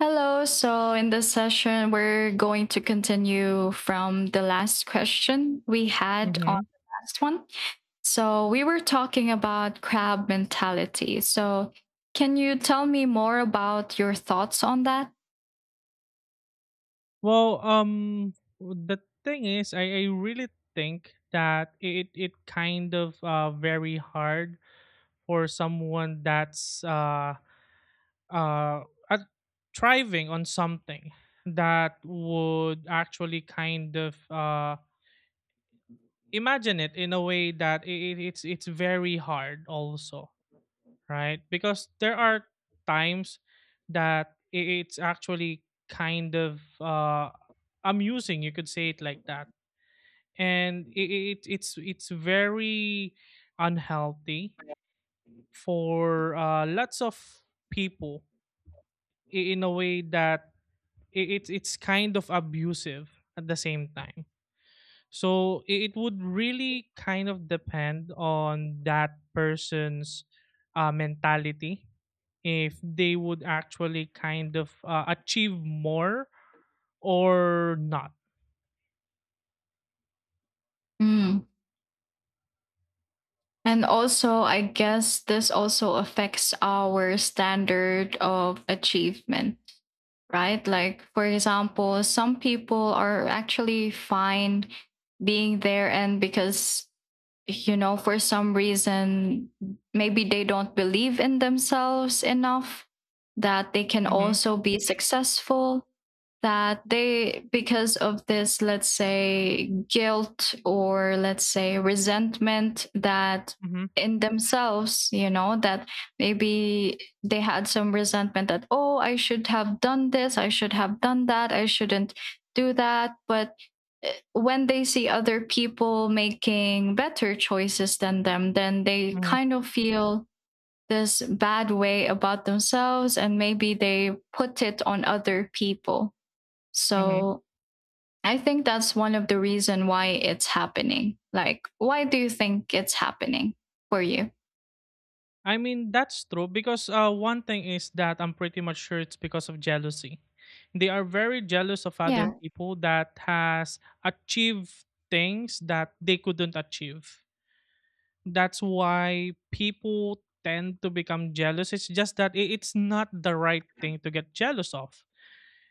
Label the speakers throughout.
Speaker 1: Hello. So, in this session, we're going to continue from the last question we had on
Speaker 2: Mhm.
Speaker 1: the last one. So, we were talking about crab mentality. So, can you tell me more about your thoughts on that?
Speaker 2: Well, the thing is, I really think that it kind of very hard for someone that's uh at, thriving on something that would actually kind of imagine it in a way that it's very hard also, right? Because there are times that it's actually kind of amusing. You could say it like that, and it's very unhealthy for lots of people in a way that it's kind of abusive at the same time. So it would really kind of depend on that person's mentality if they would actually kind of achieve more or not.
Speaker 1: Mm. And also, I guess this also affects our standard of achievement, right? Like, for example, some people are actually fine being there, and because, for some reason, maybe they don't believe in themselves enough that they can
Speaker 2: Hmm.
Speaker 1: also be successful, that they because of this let's say guilt or let's say resentment that
Speaker 2: Hmm.
Speaker 1: in themselves, that maybe they had some resentment that oh, I should have done this, I should have done that, I shouldn't do that, but when they see other people making better choices than them, then they
Speaker 2: Hmm.
Speaker 1: kind of feel this bad way about themselves and maybe they put it on other people.
Speaker 2: Hmm.
Speaker 1: So I think that's one of the reason why it's happening. Like, why do you think it's happening for you?
Speaker 2: I mean, that's true because one thing is that I'm pretty much sure it's because of jealousy. They are very jealous of other
Speaker 1: Yeah.
Speaker 2: people that has achieved things that they couldn't achieve. That's why people tend to become jealous. It's just that it's not the right thing to get jealous of.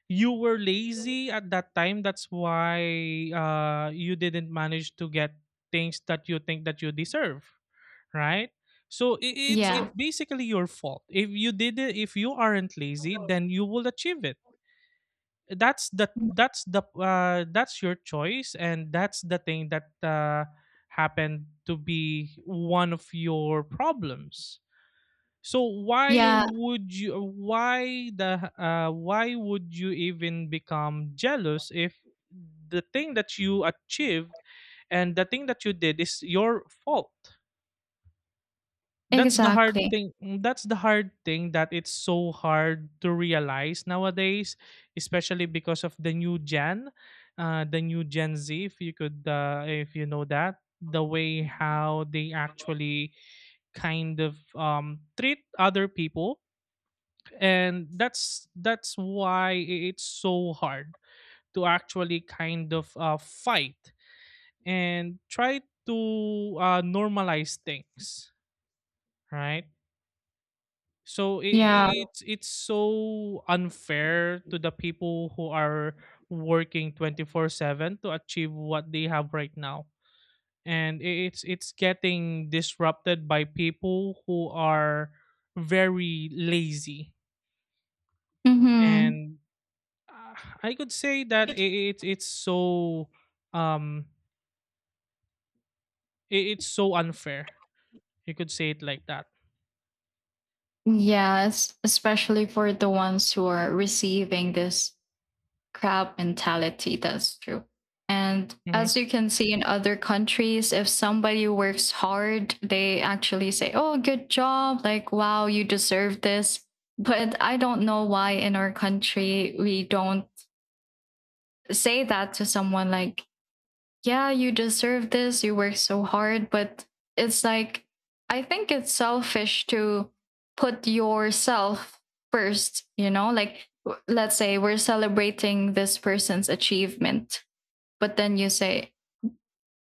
Speaker 2: You were lazy at that time. That's why you didn't manage to get things that you think that you deserve, right? So it's
Speaker 1: Yeah.
Speaker 2: basically your fault. If you did it, if you aren't lazy, then you will achieve it. That's your choice and that's the thing that happened to be one of your problems. So
Speaker 1: Yeah,
Speaker 2: why would you even become jealous if the thing that you achieved and the thing that you did is your fault? That's the hard
Speaker 1: exactly.
Speaker 2: thing. That's the hard thing that it's so hard to realize nowadays, especially because of the new gen, the new gen z. If you could if you know that the way how they actually kind of treat other people. And that's why it's so hard to actually kind of fight and try to normalize things, right? So i-
Speaker 1: Yeah.
Speaker 2: i- it's it's so unfair to the people who are working 24/7 to achieve what they have right now. And it's getting disrupted by people who are very lazy.
Speaker 1: Mm-hmm.
Speaker 2: And uh, I could say that it's so um it's so unfair. You could say it like that.
Speaker 1: Yes, especially for the ones who are receiving this crab mentality. That's true. And
Speaker 2: Mhm,
Speaker 1: as you can see in other countries, if somebody works hard, they actually say, oh, good job. Like, wow, you deserve this. But I don't know why in our country we don't say that to someone like, yeah, you deserve this, you work so hard, but it's like, I think it's selfish to put yourself first, you know? Like, let's say we're celebrating this person's achievement, but then you say,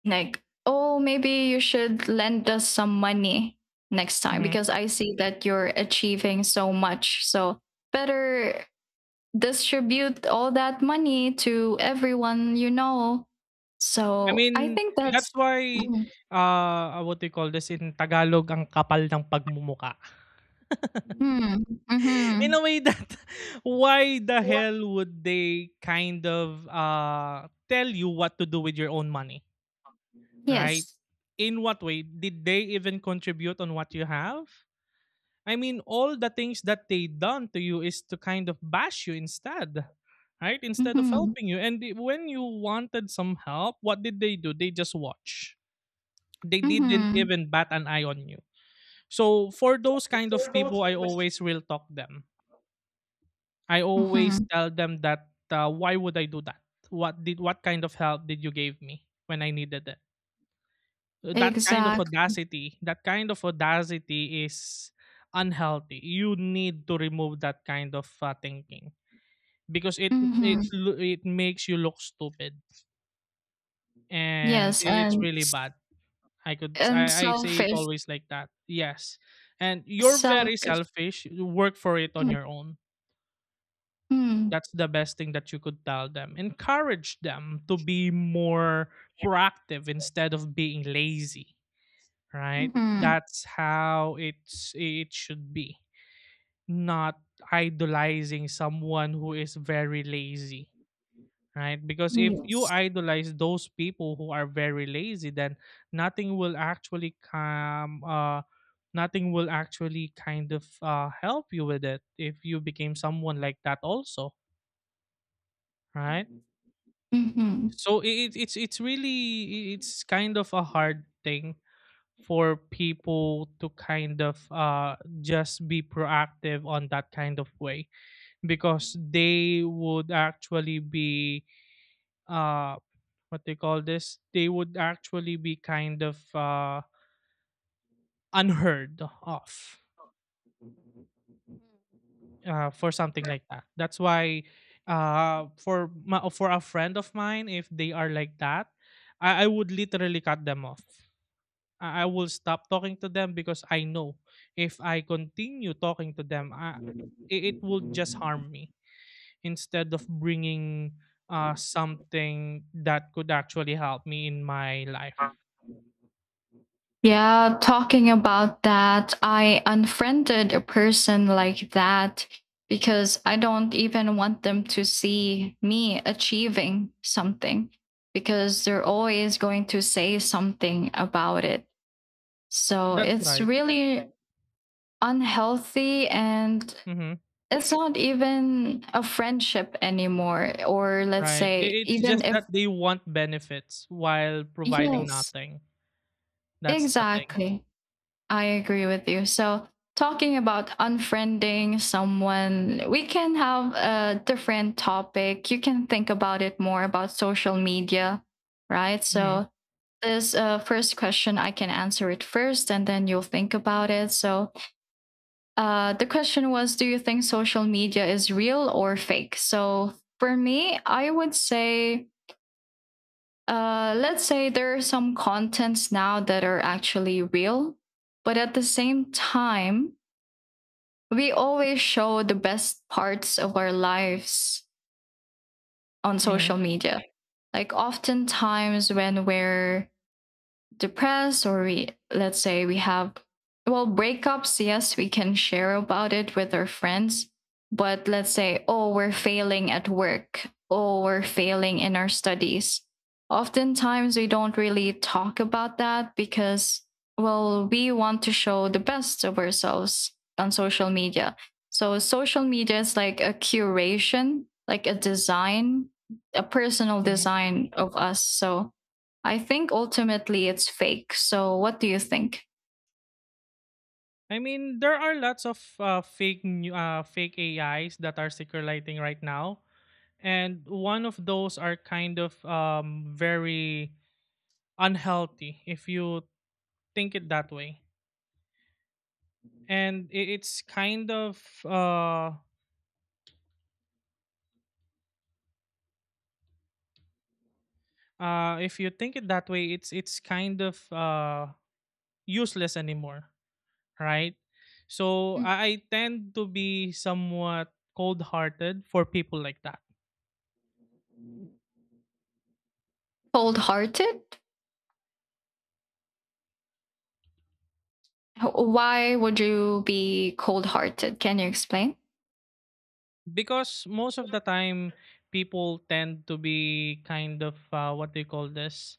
Speaker 1: like, oh, maybe you should lend us some money next time
Speaker 2: mhm.
Speaker 1: because I see that you're achieving so much. So, better distribute all that money to everyone you know.
Speaker 2: I
Speaker 1: So I
Speaker 2: mean,
Speaker 1: think
Speaker 2: that's
Speaker 1: that's.
Speaker 2: why,
Speaker 1: Mm-hmm.
Speaker 2: ah, what do you call this, in Tagalog, ang kapal ng pagmumukha.
Speaker 1: Mm-hmm.
Speaker 2: In a way that why the hell would they kind of, tell you what to do with your own money, right?
Speaker 1: Yes.
Speaker 2: In what way? Did they even contribute on what you have? I mean, all the things that they done to you is to kind of bash you instead, right? Instead of
Speaker 1: Mm-hmm.
Speaker 2: helping you. And when you wanted some help, what did they do? They just watch. They didn't
Speaker 1: Mm-hmm.
Speaker 2: even bat an eye on you. So for those kind of people, I always will talk them. I always
Speaker 1: Mm-hmm.
Speaker 2: tell them that why would I do that? What kind of help did you give me when I needed it? That kind of
Speaker 1: Exact.
Speaker 2: audacity, that kind of audacity is unhealthy. You need to remove that kind of thinking because
Speaker 1: Mm-hmm.
Speaker 2: it makes you look stupid and
Speaker 1: Yes,
Speaker 2: it's really bad. I could
Speaker 1: and
Speaker 2: I say it
Speaker 1: selfish.
Speaker 2: always like that. Yes. And you're very
Speaker 1: Selfish.
Speaker 2: selfish. You work for it on your own.
Speaker 1: Mm-hmm.
Speaker 2: That's the best thing that you could tell them. Encourage them to be more proactive instead of being lazy, right?
Speaker 1: Mm-hmm.
Speaker 2: That's how it should be. Not idolizing someone who is very lazy, right? Because if you
Speaker 1: Yes.
Speaker 2: idolize those people who are very lazy, then nothing will actually come. Nothing will actually kind of help you with it if you became someone like that also, right?
Speaker 1: Mm-hmm.
Speaker 2: So it's really it's kind of a hard thing for people to kind of just be proactive on that kind of way because they would actually be uh, what they call this, they would actually be kind of unheard of for something like that. That's why for a friend of mine, if they are like that, I would literally cut them off. I will stop talking to them because I know if I continue talking to them, it will just harm me instead of bringing something that could actually help me in my life.
Speaker 1: Yeah, talking about that, I unfriended a person like that because I don't even want them to see me achieving something because they're always going to say something about it. So
Speaker 2: That's
Speaker 1: it's
Speaker 2: right.
Speaker 1: really unhealthy and
Speaker 2: Mhm.
Speaker 1: it's not even a friendship anymore. Or let's
Speaker 2: Right.
Speaker 1: say,
Speaker 2: It's
Speaker 1: even
Speaker 2: just
Speaker 1: if,
Speaker 2: that they want benefits while providing
Speaker 1: yes,
Speaker 2: nothing. That's the thing.
Speaker 1: exactly. I agree with you. So, talking about unfriending someone, we can have a different topic. You can think about it more about social media, right?
Speaker 2: Hmm.
Speaker 1: So, this first question, I can answer it first and then you'll think about it. So, the question was: do you think social media is real or fake? So, for me, I would say, let's say there are some contents now that are actually real, but at the same time, we always show the best parts of our lives on
Speaker 2: Hmm.
Speaker 1: social media. Like oftentimes when we're depressed or we let's say we have, well, breakups, yes we can share about it with our friends, but let's say, oh, we're failing at work, oh, we're failing in our studies, oftentimes we don't really talk about that because, well, we want to show the best of ourselves on social media. So social media is like a curation, like a design, a personal
Speaker 2: Hmm.
Speaker 1: design of us. So I think ultimately it's fake. So, what do you think?
Speaker 2: I mean, there are lots of fake AIs that are circulating right now, and one of those are kind of very unhealthy if you think it that way. And it's kind of if you think it that way, it's kind of useless anymore, right? So I tend to be somewhat cold-hearted for people like that.
Speaker 1: Cold hearted? Why would you be cold hearted? Can you explain?
Speaker 2: Because most of the time people tend to be kind of what do you call this,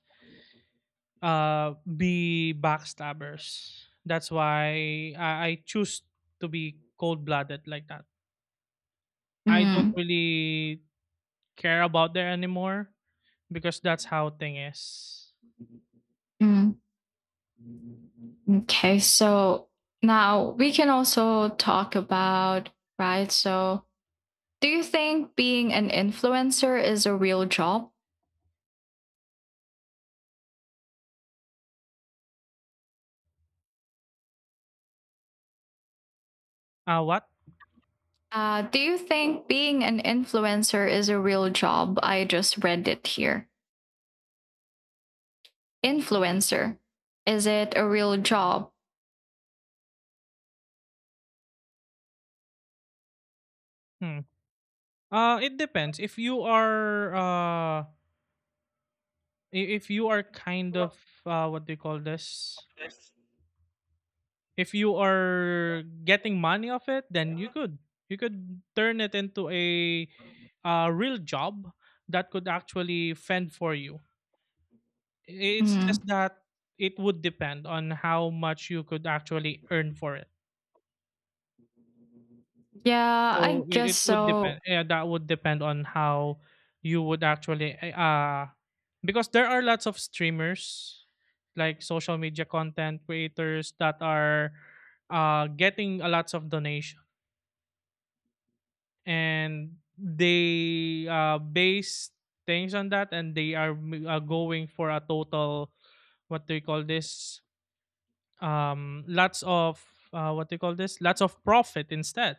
Speaker 2: uh be backstabbers. That's why I choose to be cold-blooded like that. I don't
Speaker 1: Mm,
Speaker 2: really care about there anymore because that's how thing is.
Speaker 1: mm. Okay, so now we can also talk about, right? So, do you think being an influencer is a real job?
Speaker 2: What?
Speaker 1: Do you think being an influencer is a real job? I just read it here. Influencer. Is it a real job?
Speaker 2: Hmm. It depends. If you are if you are kind of what do you call this? If you are getting money off it, then you could turn it into a real job that could actually fend for you. It's
Speaker 1: Mm.
Speaker 2: just that it would depend on how much you could actually earn for it.
Speaker 1: Yeah, I
Speaker 2: So
Speaker 1: guess
Speaker 2: it would depend.
Speaker 1: so.
Speaker 2: Yeah, that would depend on how you would actually because there are lots of streamers like social media content creators that are getting a lots of donation and they base things on that and they are going for a total, what do you call this, lots of what do you call this, lots of profit instead.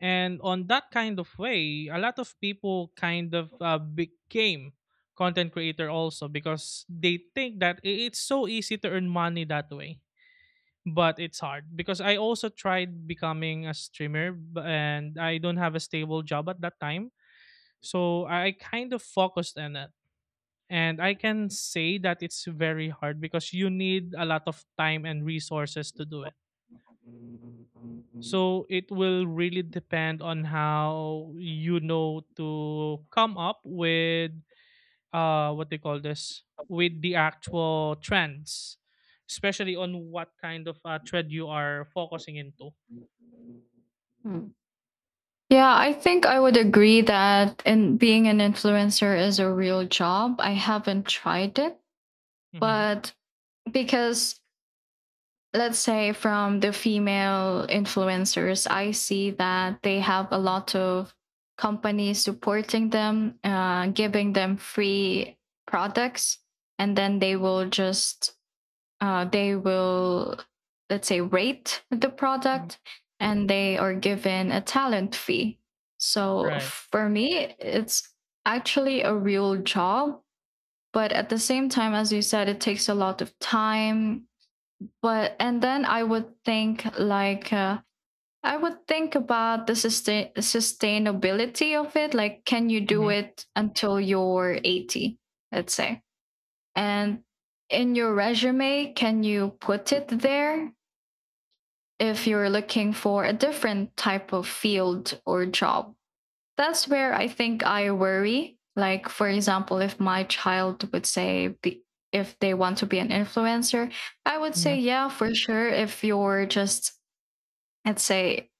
Speaker 2: And on that kind of way, a lot of people kind of became content creator also because they think that it's so easy to earn money that way. But it's hard because I also tried becoming a streamer and I don't have a stable job at that time. So I kind of focused on it. And I can say that it's very hard because you need a lot of time and resources to do it. So it will really depend on how you know to come up with what they call this, with the actual trends, especially on what kind of thread you are focusing into.
Speaker 1: Hmm. Yeah, I think I would agree that in being an influencer is a real job. I haven't tried it,
Speaker 2: Mm-hmm.
Speaker 1: but because let's say from the female influencers, I see that they have a lot of companies supporting them, giving them free products, and then they will just they will let's say rate the
Speaker 2: Hmm.
Speaker 1: product and they are given a talent fee, so
Speaker 2: Right.
Speaker 1: for me it's actually a real job. But at the same time, as you said, it takes a lot of time. But and then I would think like I would think about the sustainability of it, like can you do
Speaker 2: Hmm.
Speaker 1: it until you're 80, let's say, and in your resume, can you put it there if you're looking for a different type of field or job? That's where I think I worry. Like, for example, if my child would say, if they want to be an influencer, I would say,
Speaker 2: Hmm.
Speaker 1: yeah, for sure. If you're just, I'd say,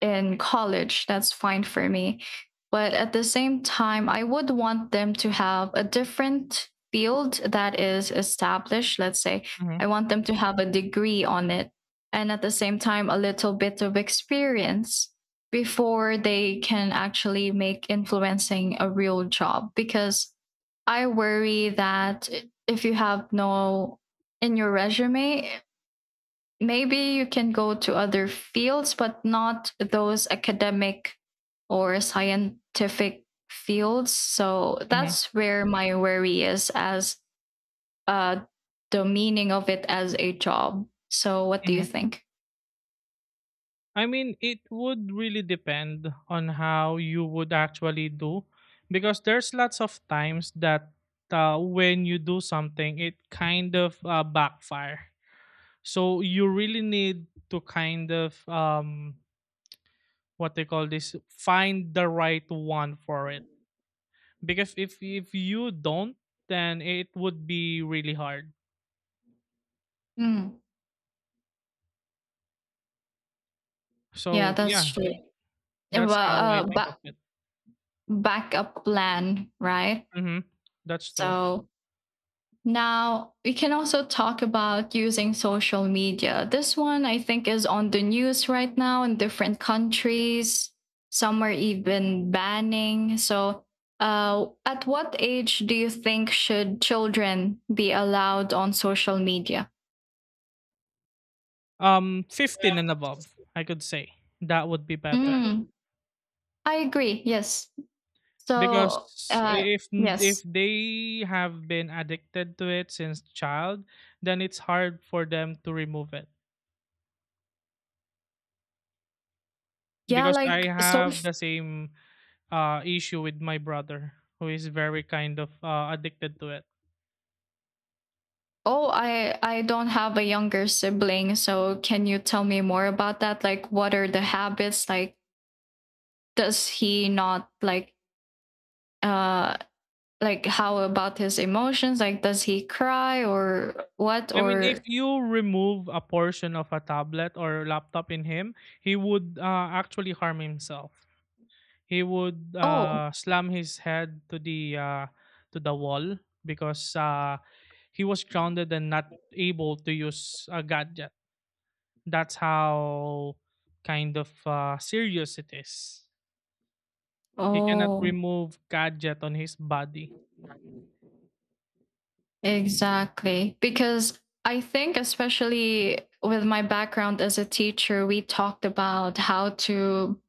Speaker 1: in college, that's fine for me. But at the same time, I would want them to have a different field that is established. Let's say
Speaker 2: Hmm.
Speaker 1: I want them to have a degree on it and at the same time, a little bit of experience before they can actually make influencing a real job. Because I worry that if you have no in your resume, maybe you can go to other fields, but not those academic or scientific fields. So
Speaker 2: Hmm.
Speaker 1: that's where my worry is as uh, the meaning of it as a job. So what do you
Speaker 2: Hmm.
Speaker 1: think?
Speaker 2: I mean, it would really depend on how you would actually do, because there's lots of times that when you do something, it kind of backfire. So you really need to kind of what they call this, find the right one for it because if you don't, then it would be really hard.
Speaker 1: Mm, yeah,
Speaker 2: So
Speaker 1: that's
Speaker 2: yeah,
Speaker 1: true. Uh, ba-
Speaker 2: that's how I
Speaker 1: uh,
Speaker 2: think of
Speaker 1: ba-
Speaker 2: it.
Speaker 1: backup plan, right?
Speaker 2: Mhm. That's true.
Speaker 1: So now, we can also talk about using social media. This one, I think, is on the news right now in different countries. Some are even banning. So, at what age do you think should children be allowed on social media?
Speaker 2: 15 and above, I could say. That would be better
Speaker 1: Mm, I agree. Yes. So,
Speaker 2: because if
Speaker 1: yes.
Speaker 2: they have been addicted to it since child, then it's hard for them to remove it
Speaker 1: Yeah,
Speaker 2: because I
Speaker 1: like so.
Speaker 2: have the same issue with my brother, who is very kind of addicted to it.
Speaker 1: Oh, I don't have a younger sibling, so can you tell me more about that? Like, what are the habits like? Does he not like uh how about his emotions, like does he cry or what
Speaker 2: I mean, if
Speaker 1: or
Speaker 2: you remove a portion of a tablet or laptop in him, he would actually harm himself. He would
Speaker 1: oh,
Speaker 2: slam his head to the wall because he was grounded and not able to use a gadget. That's how kind of serious it is. He cannot
Speaker 1: oh,
Speaker 2: remove gadget on his body.
Speaker 1: exactly, because I think especially with my background as a teacher, we talked about how to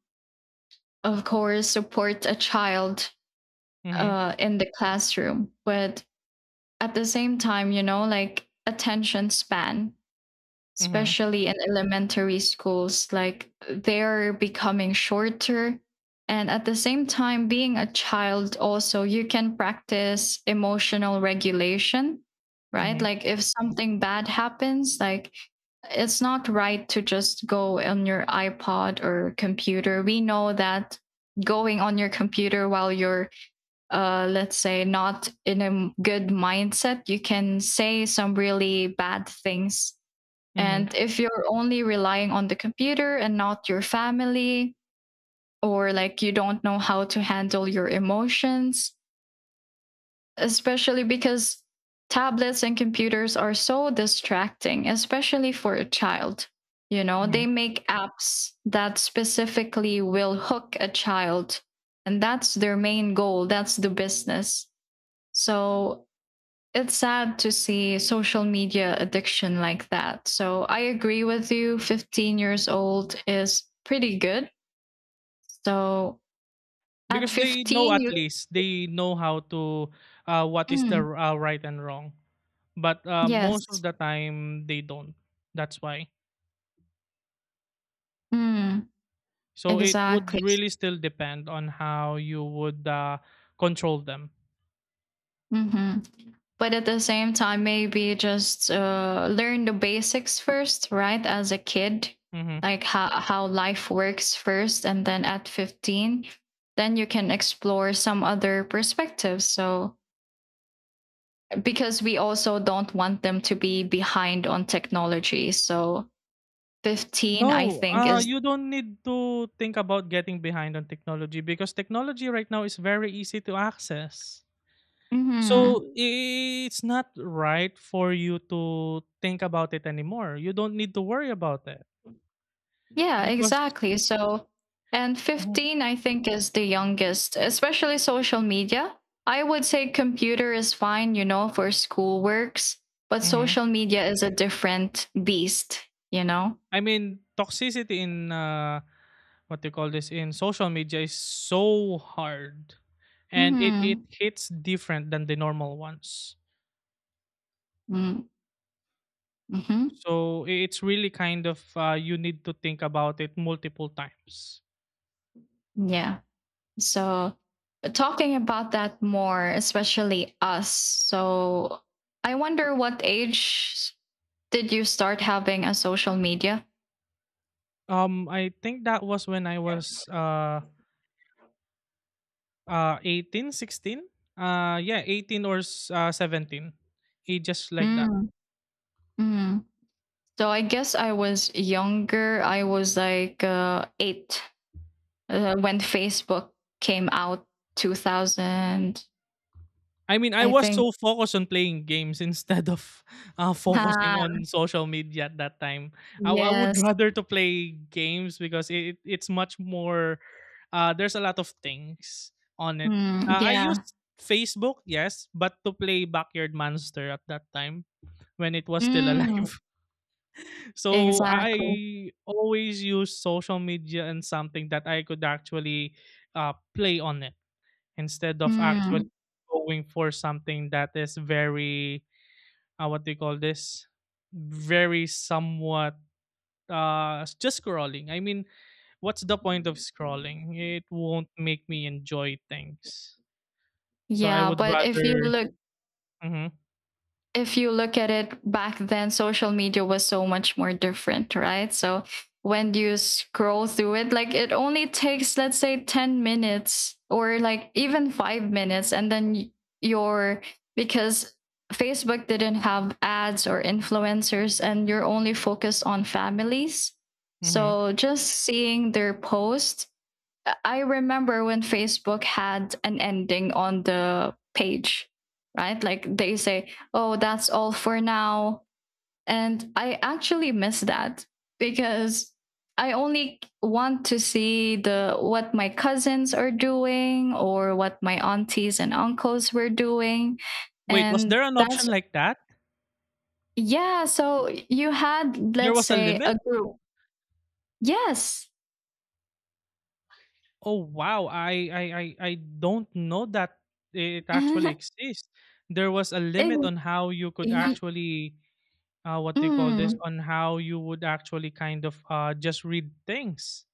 Speaker 1: of course support a child
Speaker 2: Mhm,
Speaker 1: in the classroom, but at the same time, like, attention span,
Speaker 2: mhm,
Speaker 1: especially in elementary schools, like they're becoming shorter, and at the same time being a child also you can practice emotional regulation, right?
Speaker 2: mhm,
Speaker 1: Like if something bad happens, like it's not right to just go on your iPod or computer. We know that going on your computer while you're let's say not in a good mindset, you can say some really bad things.
Speaker 2: mhm,
Speaker 1: And if you're only relying on the computer and not your family, or like you don't know how to handle your emotions, especially because tablets and computers are so distracting, especially for a child. You know, they
Speaker 2: mhm.
Speaker 1: make apps that specifically will hook a child, and that's their main goal, that's the business. So it's sad to see social media addiction like that. So I agree with you. 15 years old is pretty good. So at
Speaker 2: Because they know,
Speaker 1: 15,
Speaker 2: at
Speaker 1: you.
Speaker 2: least they know how to what is the
Speaker 1: Mm,
Speaker 2: right and wrong. But most of
Speaker 1: yes.
Speaker 2: the time they don't. That's why.
Speaker 1: Mm,
Speaker 2: So it would
Speaker 1: exactly.
Speaker 2: really still depend on how you would control them.
Speaker 1: Hmm. But at the same time, maybe just learn the basics first, right? As a kid,
Speaker 2: Mhm.
Speaker 1: like how life works first. And then at 15, then you can explore some other perspectives. So because we also don't want them to be behind on technology. So 15, I
Speaker 2: No,
Speaker 1: think, is.
Speaker 2: you don't need to think about getting behind on technology because technology right now is very easy to access.
Speaker 1: Mhm.
Speaker 2: So it's not right for you to think about it anymore. You don't need to worry about it
Speaker 1: Yeah,
Speaker 2: because,
Speaker 1: exactly. So, and
Speaker 2: Mhm,
Speaker 1: 15, I think, is the youngest, especially social media. I would say computer is fine, for school works, but
Speaker 2: mhm.
Speaker 1: social media is a different beast, you know?
Speaker 2: I mean, toxicity in what do you call this, in social media is so hard, and it
Speaker 1: Mm-hmm.
Speaker 2: hits different than the normal ones.
Speaker 1: Mm-hmm. Mm-hmm.
Speaker 2: So, I it's really kind of, you need to think about it multiple times.
Speaker 1: Yeah. So, talking about that more, especially us. So, I wonder what age did you start having a social media?
Speaker 2: I think that was when I was 18 16. Yeah, 18 or 17. Ages like that.
Speaker 1: Mm. Mm. So, I guess I was younger. I was like eight, when Facebook came out, 2000,
Speaker 2: I mean, I
Speaker 1: I
Speaker 2: was
Speaker 1: think.
Speaker 2: so focused on playing games instead of focusing
Speaker 1: Ah,
Speaker 2: on social media at that time. I would
Speaker 1: yes.
Speaker 2: rather to play games because it's much more. There's a lot of things on it.
Speaker 1: Mm,
Speaker 2: I
Speaker 1: yeah.
Speaker 2: used Facebook, yes, but to play Backyard Monster at that time when it was still alive.
Speaker 1: Mm,
Speaker 2: So
Speaker 1: exactly.
Speaker 2: I always use social media and something that I could actually play on it instead of actually
Speaker 1: Mm,
Speaker 2: going for something that is very what do you call this very somewhat just scrolling, I mean, what's the point of scrolling? It won't make me enjoy things, so I
Speaker 1: yeah.
Speaker 2: would
Speaker 1: But if you
Speaker 2: rather…
Speaker 1: look,
Speaker 2: hmm
Speaker 1: if you look at it back then, social media was so much more different, right? So when you scroll through it, like it only takes, let's say, 10 minutes or like even 5 minutes. And then you're, because Facebook didn't have ads or influencers, and you're only focused on families.
Speaker 2: hmm
Speaker 1: So just seeing their posts, I remember when Facebook had an ending on the page, right? Like they say, oh, that's all for now. And I actually miss that because I only want to see the what my cousins are doing or what my aunties and uncles were doing.
Speaker 2: Wait, was
Speaker 1: And
Speaker 2: there an option
Speaker 1: that's,
Speaker 2: like that?
Speaker 1: yeah, so you had,
Speaker 2: There
Speaker 1: let's
Speaker 2: was a
Speaker 1: say,
Speaker 2: limit?
Speaker 1: a group. Yes.
Speaker 2: Oh wow, I don't know that it actually
Speaker 1: Ex-
Speaker 2: exists. There was a limit on how you could
Speaker 1: Yeah.
Speaker 2: actually what do you call this
Speaker 1: Mm.
Speaker 2: on how you would actually kind of just read things.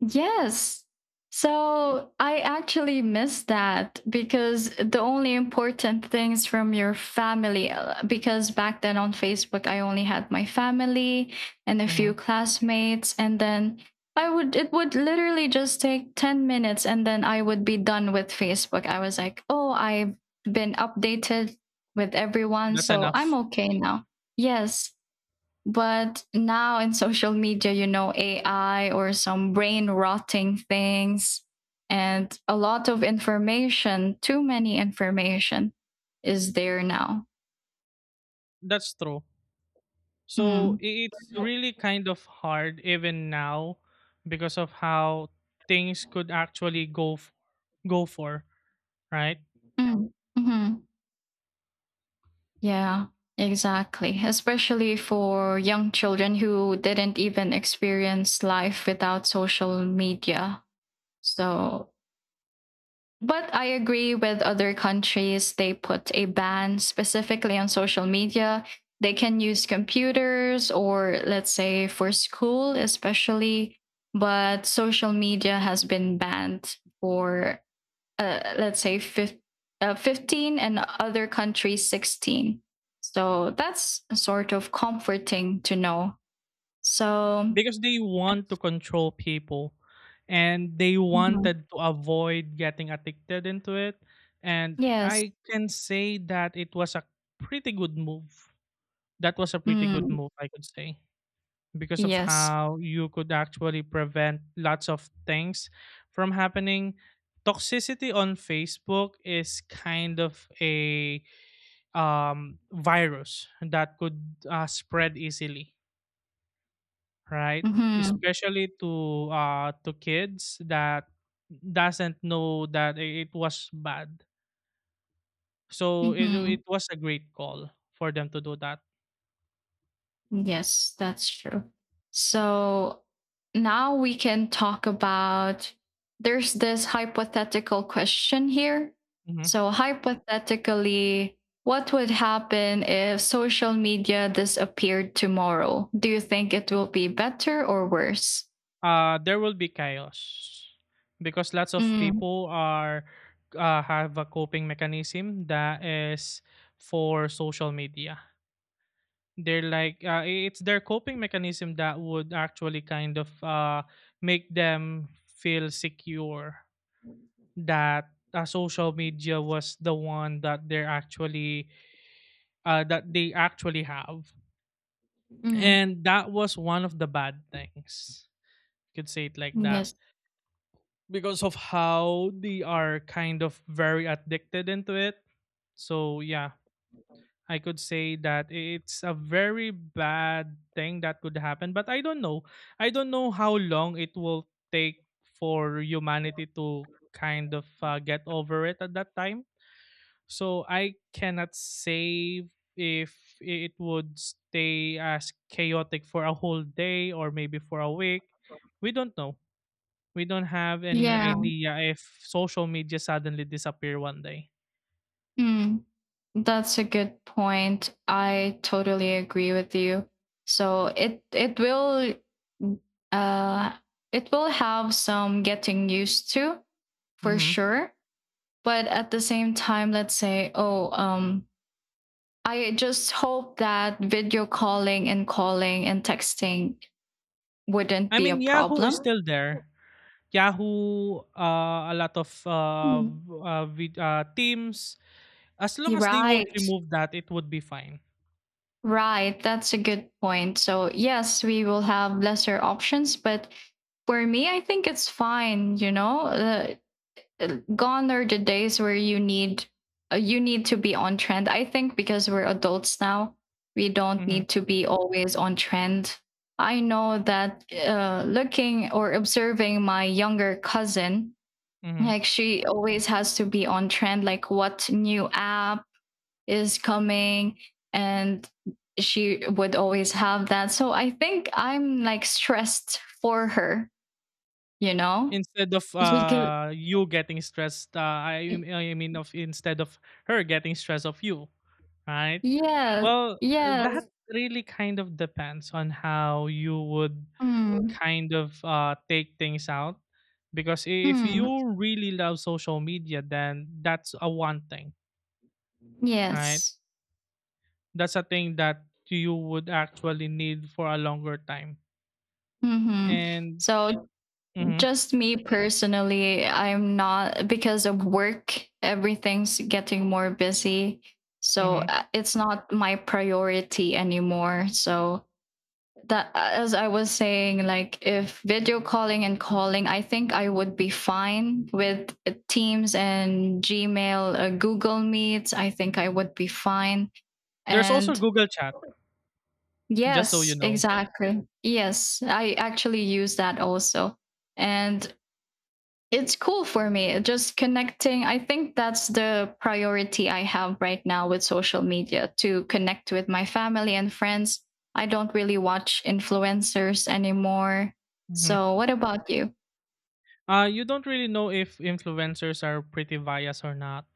Speaker 1: Yes. So I actually miss that because the only important things from your family, because back then on Facebook, I only had my family and a few
Speaker 2: hmm
Speaker 1: classmates. And then it would literally just take 10 minutes and then I would be done with Facebook. I was like, oh, I've been updated with everyone.
Speaker 2: that's
Speaker 1: So I'm
Speaker 2: enough.
Speaker 1: okay now. Yes. But now in social media, AI or some brain rotting things, and a lot of information, too many information is there now.
Speaker 2: That's true. So
Speaker 1: Mm,
Speaker 2: it's really kind of hard even now because of how things could actually go for… right?
Speaker 1: mm, mhm. Yeah, exactly. Especially for young children who didn't even experience life without social media. So But I agree with other countries, they put a ban specifically on social media. They can use computers or, let's say, for school, especially. But social media has been banned for, let's say, 15, and other countries 16. So that's sort of comforting to know. So,
Speaker 2: Because they want to control people and they
Speaker 1: mhm,
Speaker 2: wanted to avoid getting addicted into it, and
Speaker 1: yes.
Speaker 2: I can say that it was a pretty good move. That was a pretty good
Speaker 1: Mm,
Speaker 2: move, I could say, because of
Speaker 1: yes.
Speaker 2: how you could actually prevent lots of things from happening. Toxicity on Facebook is kind of a virus that could spread easily, right?
Speaker 1: Hmm.
Speaker 2: Especially to kids that doesn't know that it was bad. So it
Speaker 1: Hmm.
Speaker 2: it was a great call for them to do that.
Speaker 1: Yes, that's true. So now we can talk about. There's this hypothetical question here.
Speaker 2: Mm-hmm.
Speaker 1: So, hypothetically, what would happen if social media disappeared tomorrow? Do you think it will be better or worse?
Speaker 2: There will be chaos because lots of
Speaker 1: Mm,
Speaker 2: people are have a coping mechanism that is for social media. They're like, it's their coping mechanism that would actually kind of make them feel secure, that social media was the one that they're actually that they actually have.
Speaker 1: mm,
Speaker 2: And that was one of the bad things, you could say it like that,
Speaker 1: yes.
Speaker 2: because of how they are kind of very addicted into it. So yeah, I could say that it's a very bad thing that could happen, but I don't know. I don't know how long it will take for humanity to kind of get over it at that time. So I cannot say if it would stay as chaotic for a whole day or maybe for a week. We don't know, we don't have any
Speaker 1: Yeah.
Speaker 2: idea if social media suddenly disappear one day.
Speaker 1: Mm. That's a good point. I totally agree with you. So uh it will have some getting used to for
Speaker 2: Hmm.
Speaker 1: sure. But at the same time, let's say, oh, I just hope that video calling and calling and texting wouldn't
Speaker 2: I
Speaker 1: be a
Speaker 2: mean, Yahoo is
Speaker 1: problem.
Speaker 2: still there. Yahoo, a lot of
Speaker 1: Mm.
Speaker 2: v- vid- teams. As long
Speaker 1: You're
Speaker 2: as they won't
Speaker 1: right.
Speaker 2: remove that, it would be fine.
Speaker 1: Right, that's a good point. So, yes, we will have lesser options, but for me, I think it's fine, you know? Gone are the days where you need to be on trend. I think because we're adults now, we don't
Speaker 2: Mm-hmm.
Speaker 1: need to be always on trend. I know that looking or observing my younger cousin,
Speaker 2: Mm-hmm.
Speaker 1: like she always has to be on trend, like what new app is coming, and she would always have that. So I think I'm like stressed for her, you know?
Speaker 2: Instead of
Speaker 1: Because
Speaker 2: you getting stressed, I mean of instead of her getting stressed of you, right?
Speaker 1: yes,
Speaker 2: Well, that
Speaker 1: yes.
Speaker 2: really kind of depends on how you would
Speaker 1: Mm,
Speaker 2: kind of take things out. Because if
Speaker 1: mm,
Speaker 2: you really love social media, then that's a one thing, right?
Speaker 1: yes.
Speaker 2: That's a thing that you would actually need for a longer time.
Speaker 1: Hmm.
Speaker 2: And
Speaker 1: So
Speaker 2: mhm,
Speaker 1: just me personally, I'm not, because of work, everything's getting more busy. So
Speaker 2: mhm.
Speaker 1: it's not my priority anymore. So that, as I was saying, like if video calling and calling, I think I would be fine with Teams and Gmail, Google Meets, I think I would be fine.
Speaker 2: there's also
Speaker 1: And
Speaker 2: Google Chat, just so
Speaker 1: yes,
Speaker 2: you know.
Speaker 1: exactly, yes, I actually use that also. And it's cool for me, just connecting. I think that's the priority I have right now with social media, to connect with my family and friends. I don't really watch influencers anymore.
Speaker 2: Mhm.
Speaker 1: So what about you?
Speaker 2: You don't really know if influencers are pretty biased or not.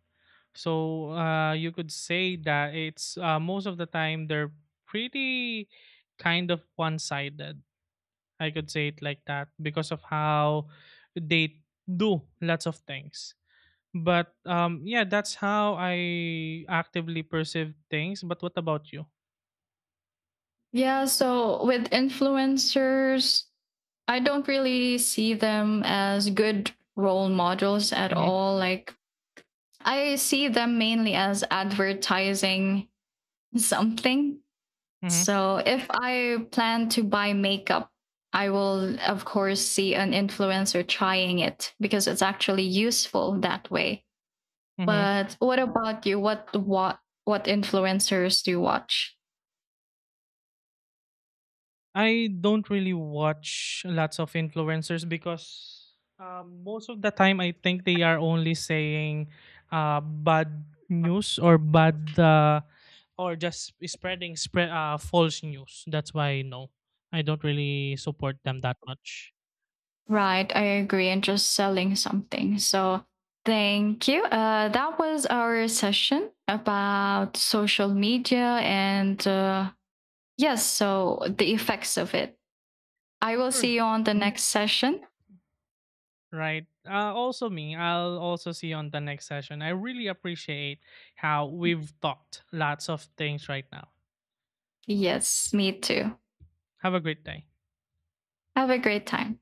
Speaker 2: So you could say that it's, most of the time they're pretty kind of one-sided. I could say it like that because of how they do lots of things. But yeah, that's how I actively perceive things. But what about you?
Speaker 1: Yeah, so with influencers I don't really see them as good role models at
Speaker 2: Mm-hmm,
Speaker 1: all, like I see them mainly as advertising something.
Speaker 2: mm-hmm,
Speaker 1: So if I plan to buy makeup, I will of course see an influencer trying it because it's actually useful that way.
Speaker 2: mm-hmm.
Speaker 1: But what about you? What influencers do you watch?
Speaker 2: I don't really watch lots of influencers because most of the time I think they are only saying bad news or bad or just spreading spread false news. That's why no, I don't really support them that much.
Speaker 1: Right, I agree. And just selling something. So thank you. That was our session about social media and yes, so the effects of it. I will see
Speaker 2: Sure.
Speaker 1: you on the
Speaker 2: Mhm.
Speaker 1: next session.
Speaker 2: Right. Also me. I'll also see you on the next session. I really appreciate how we've talked lots of things right now.
Speaker 1: Yes, me too.
Speaker 2: Have a great day.
Speaker 1: Have a great time.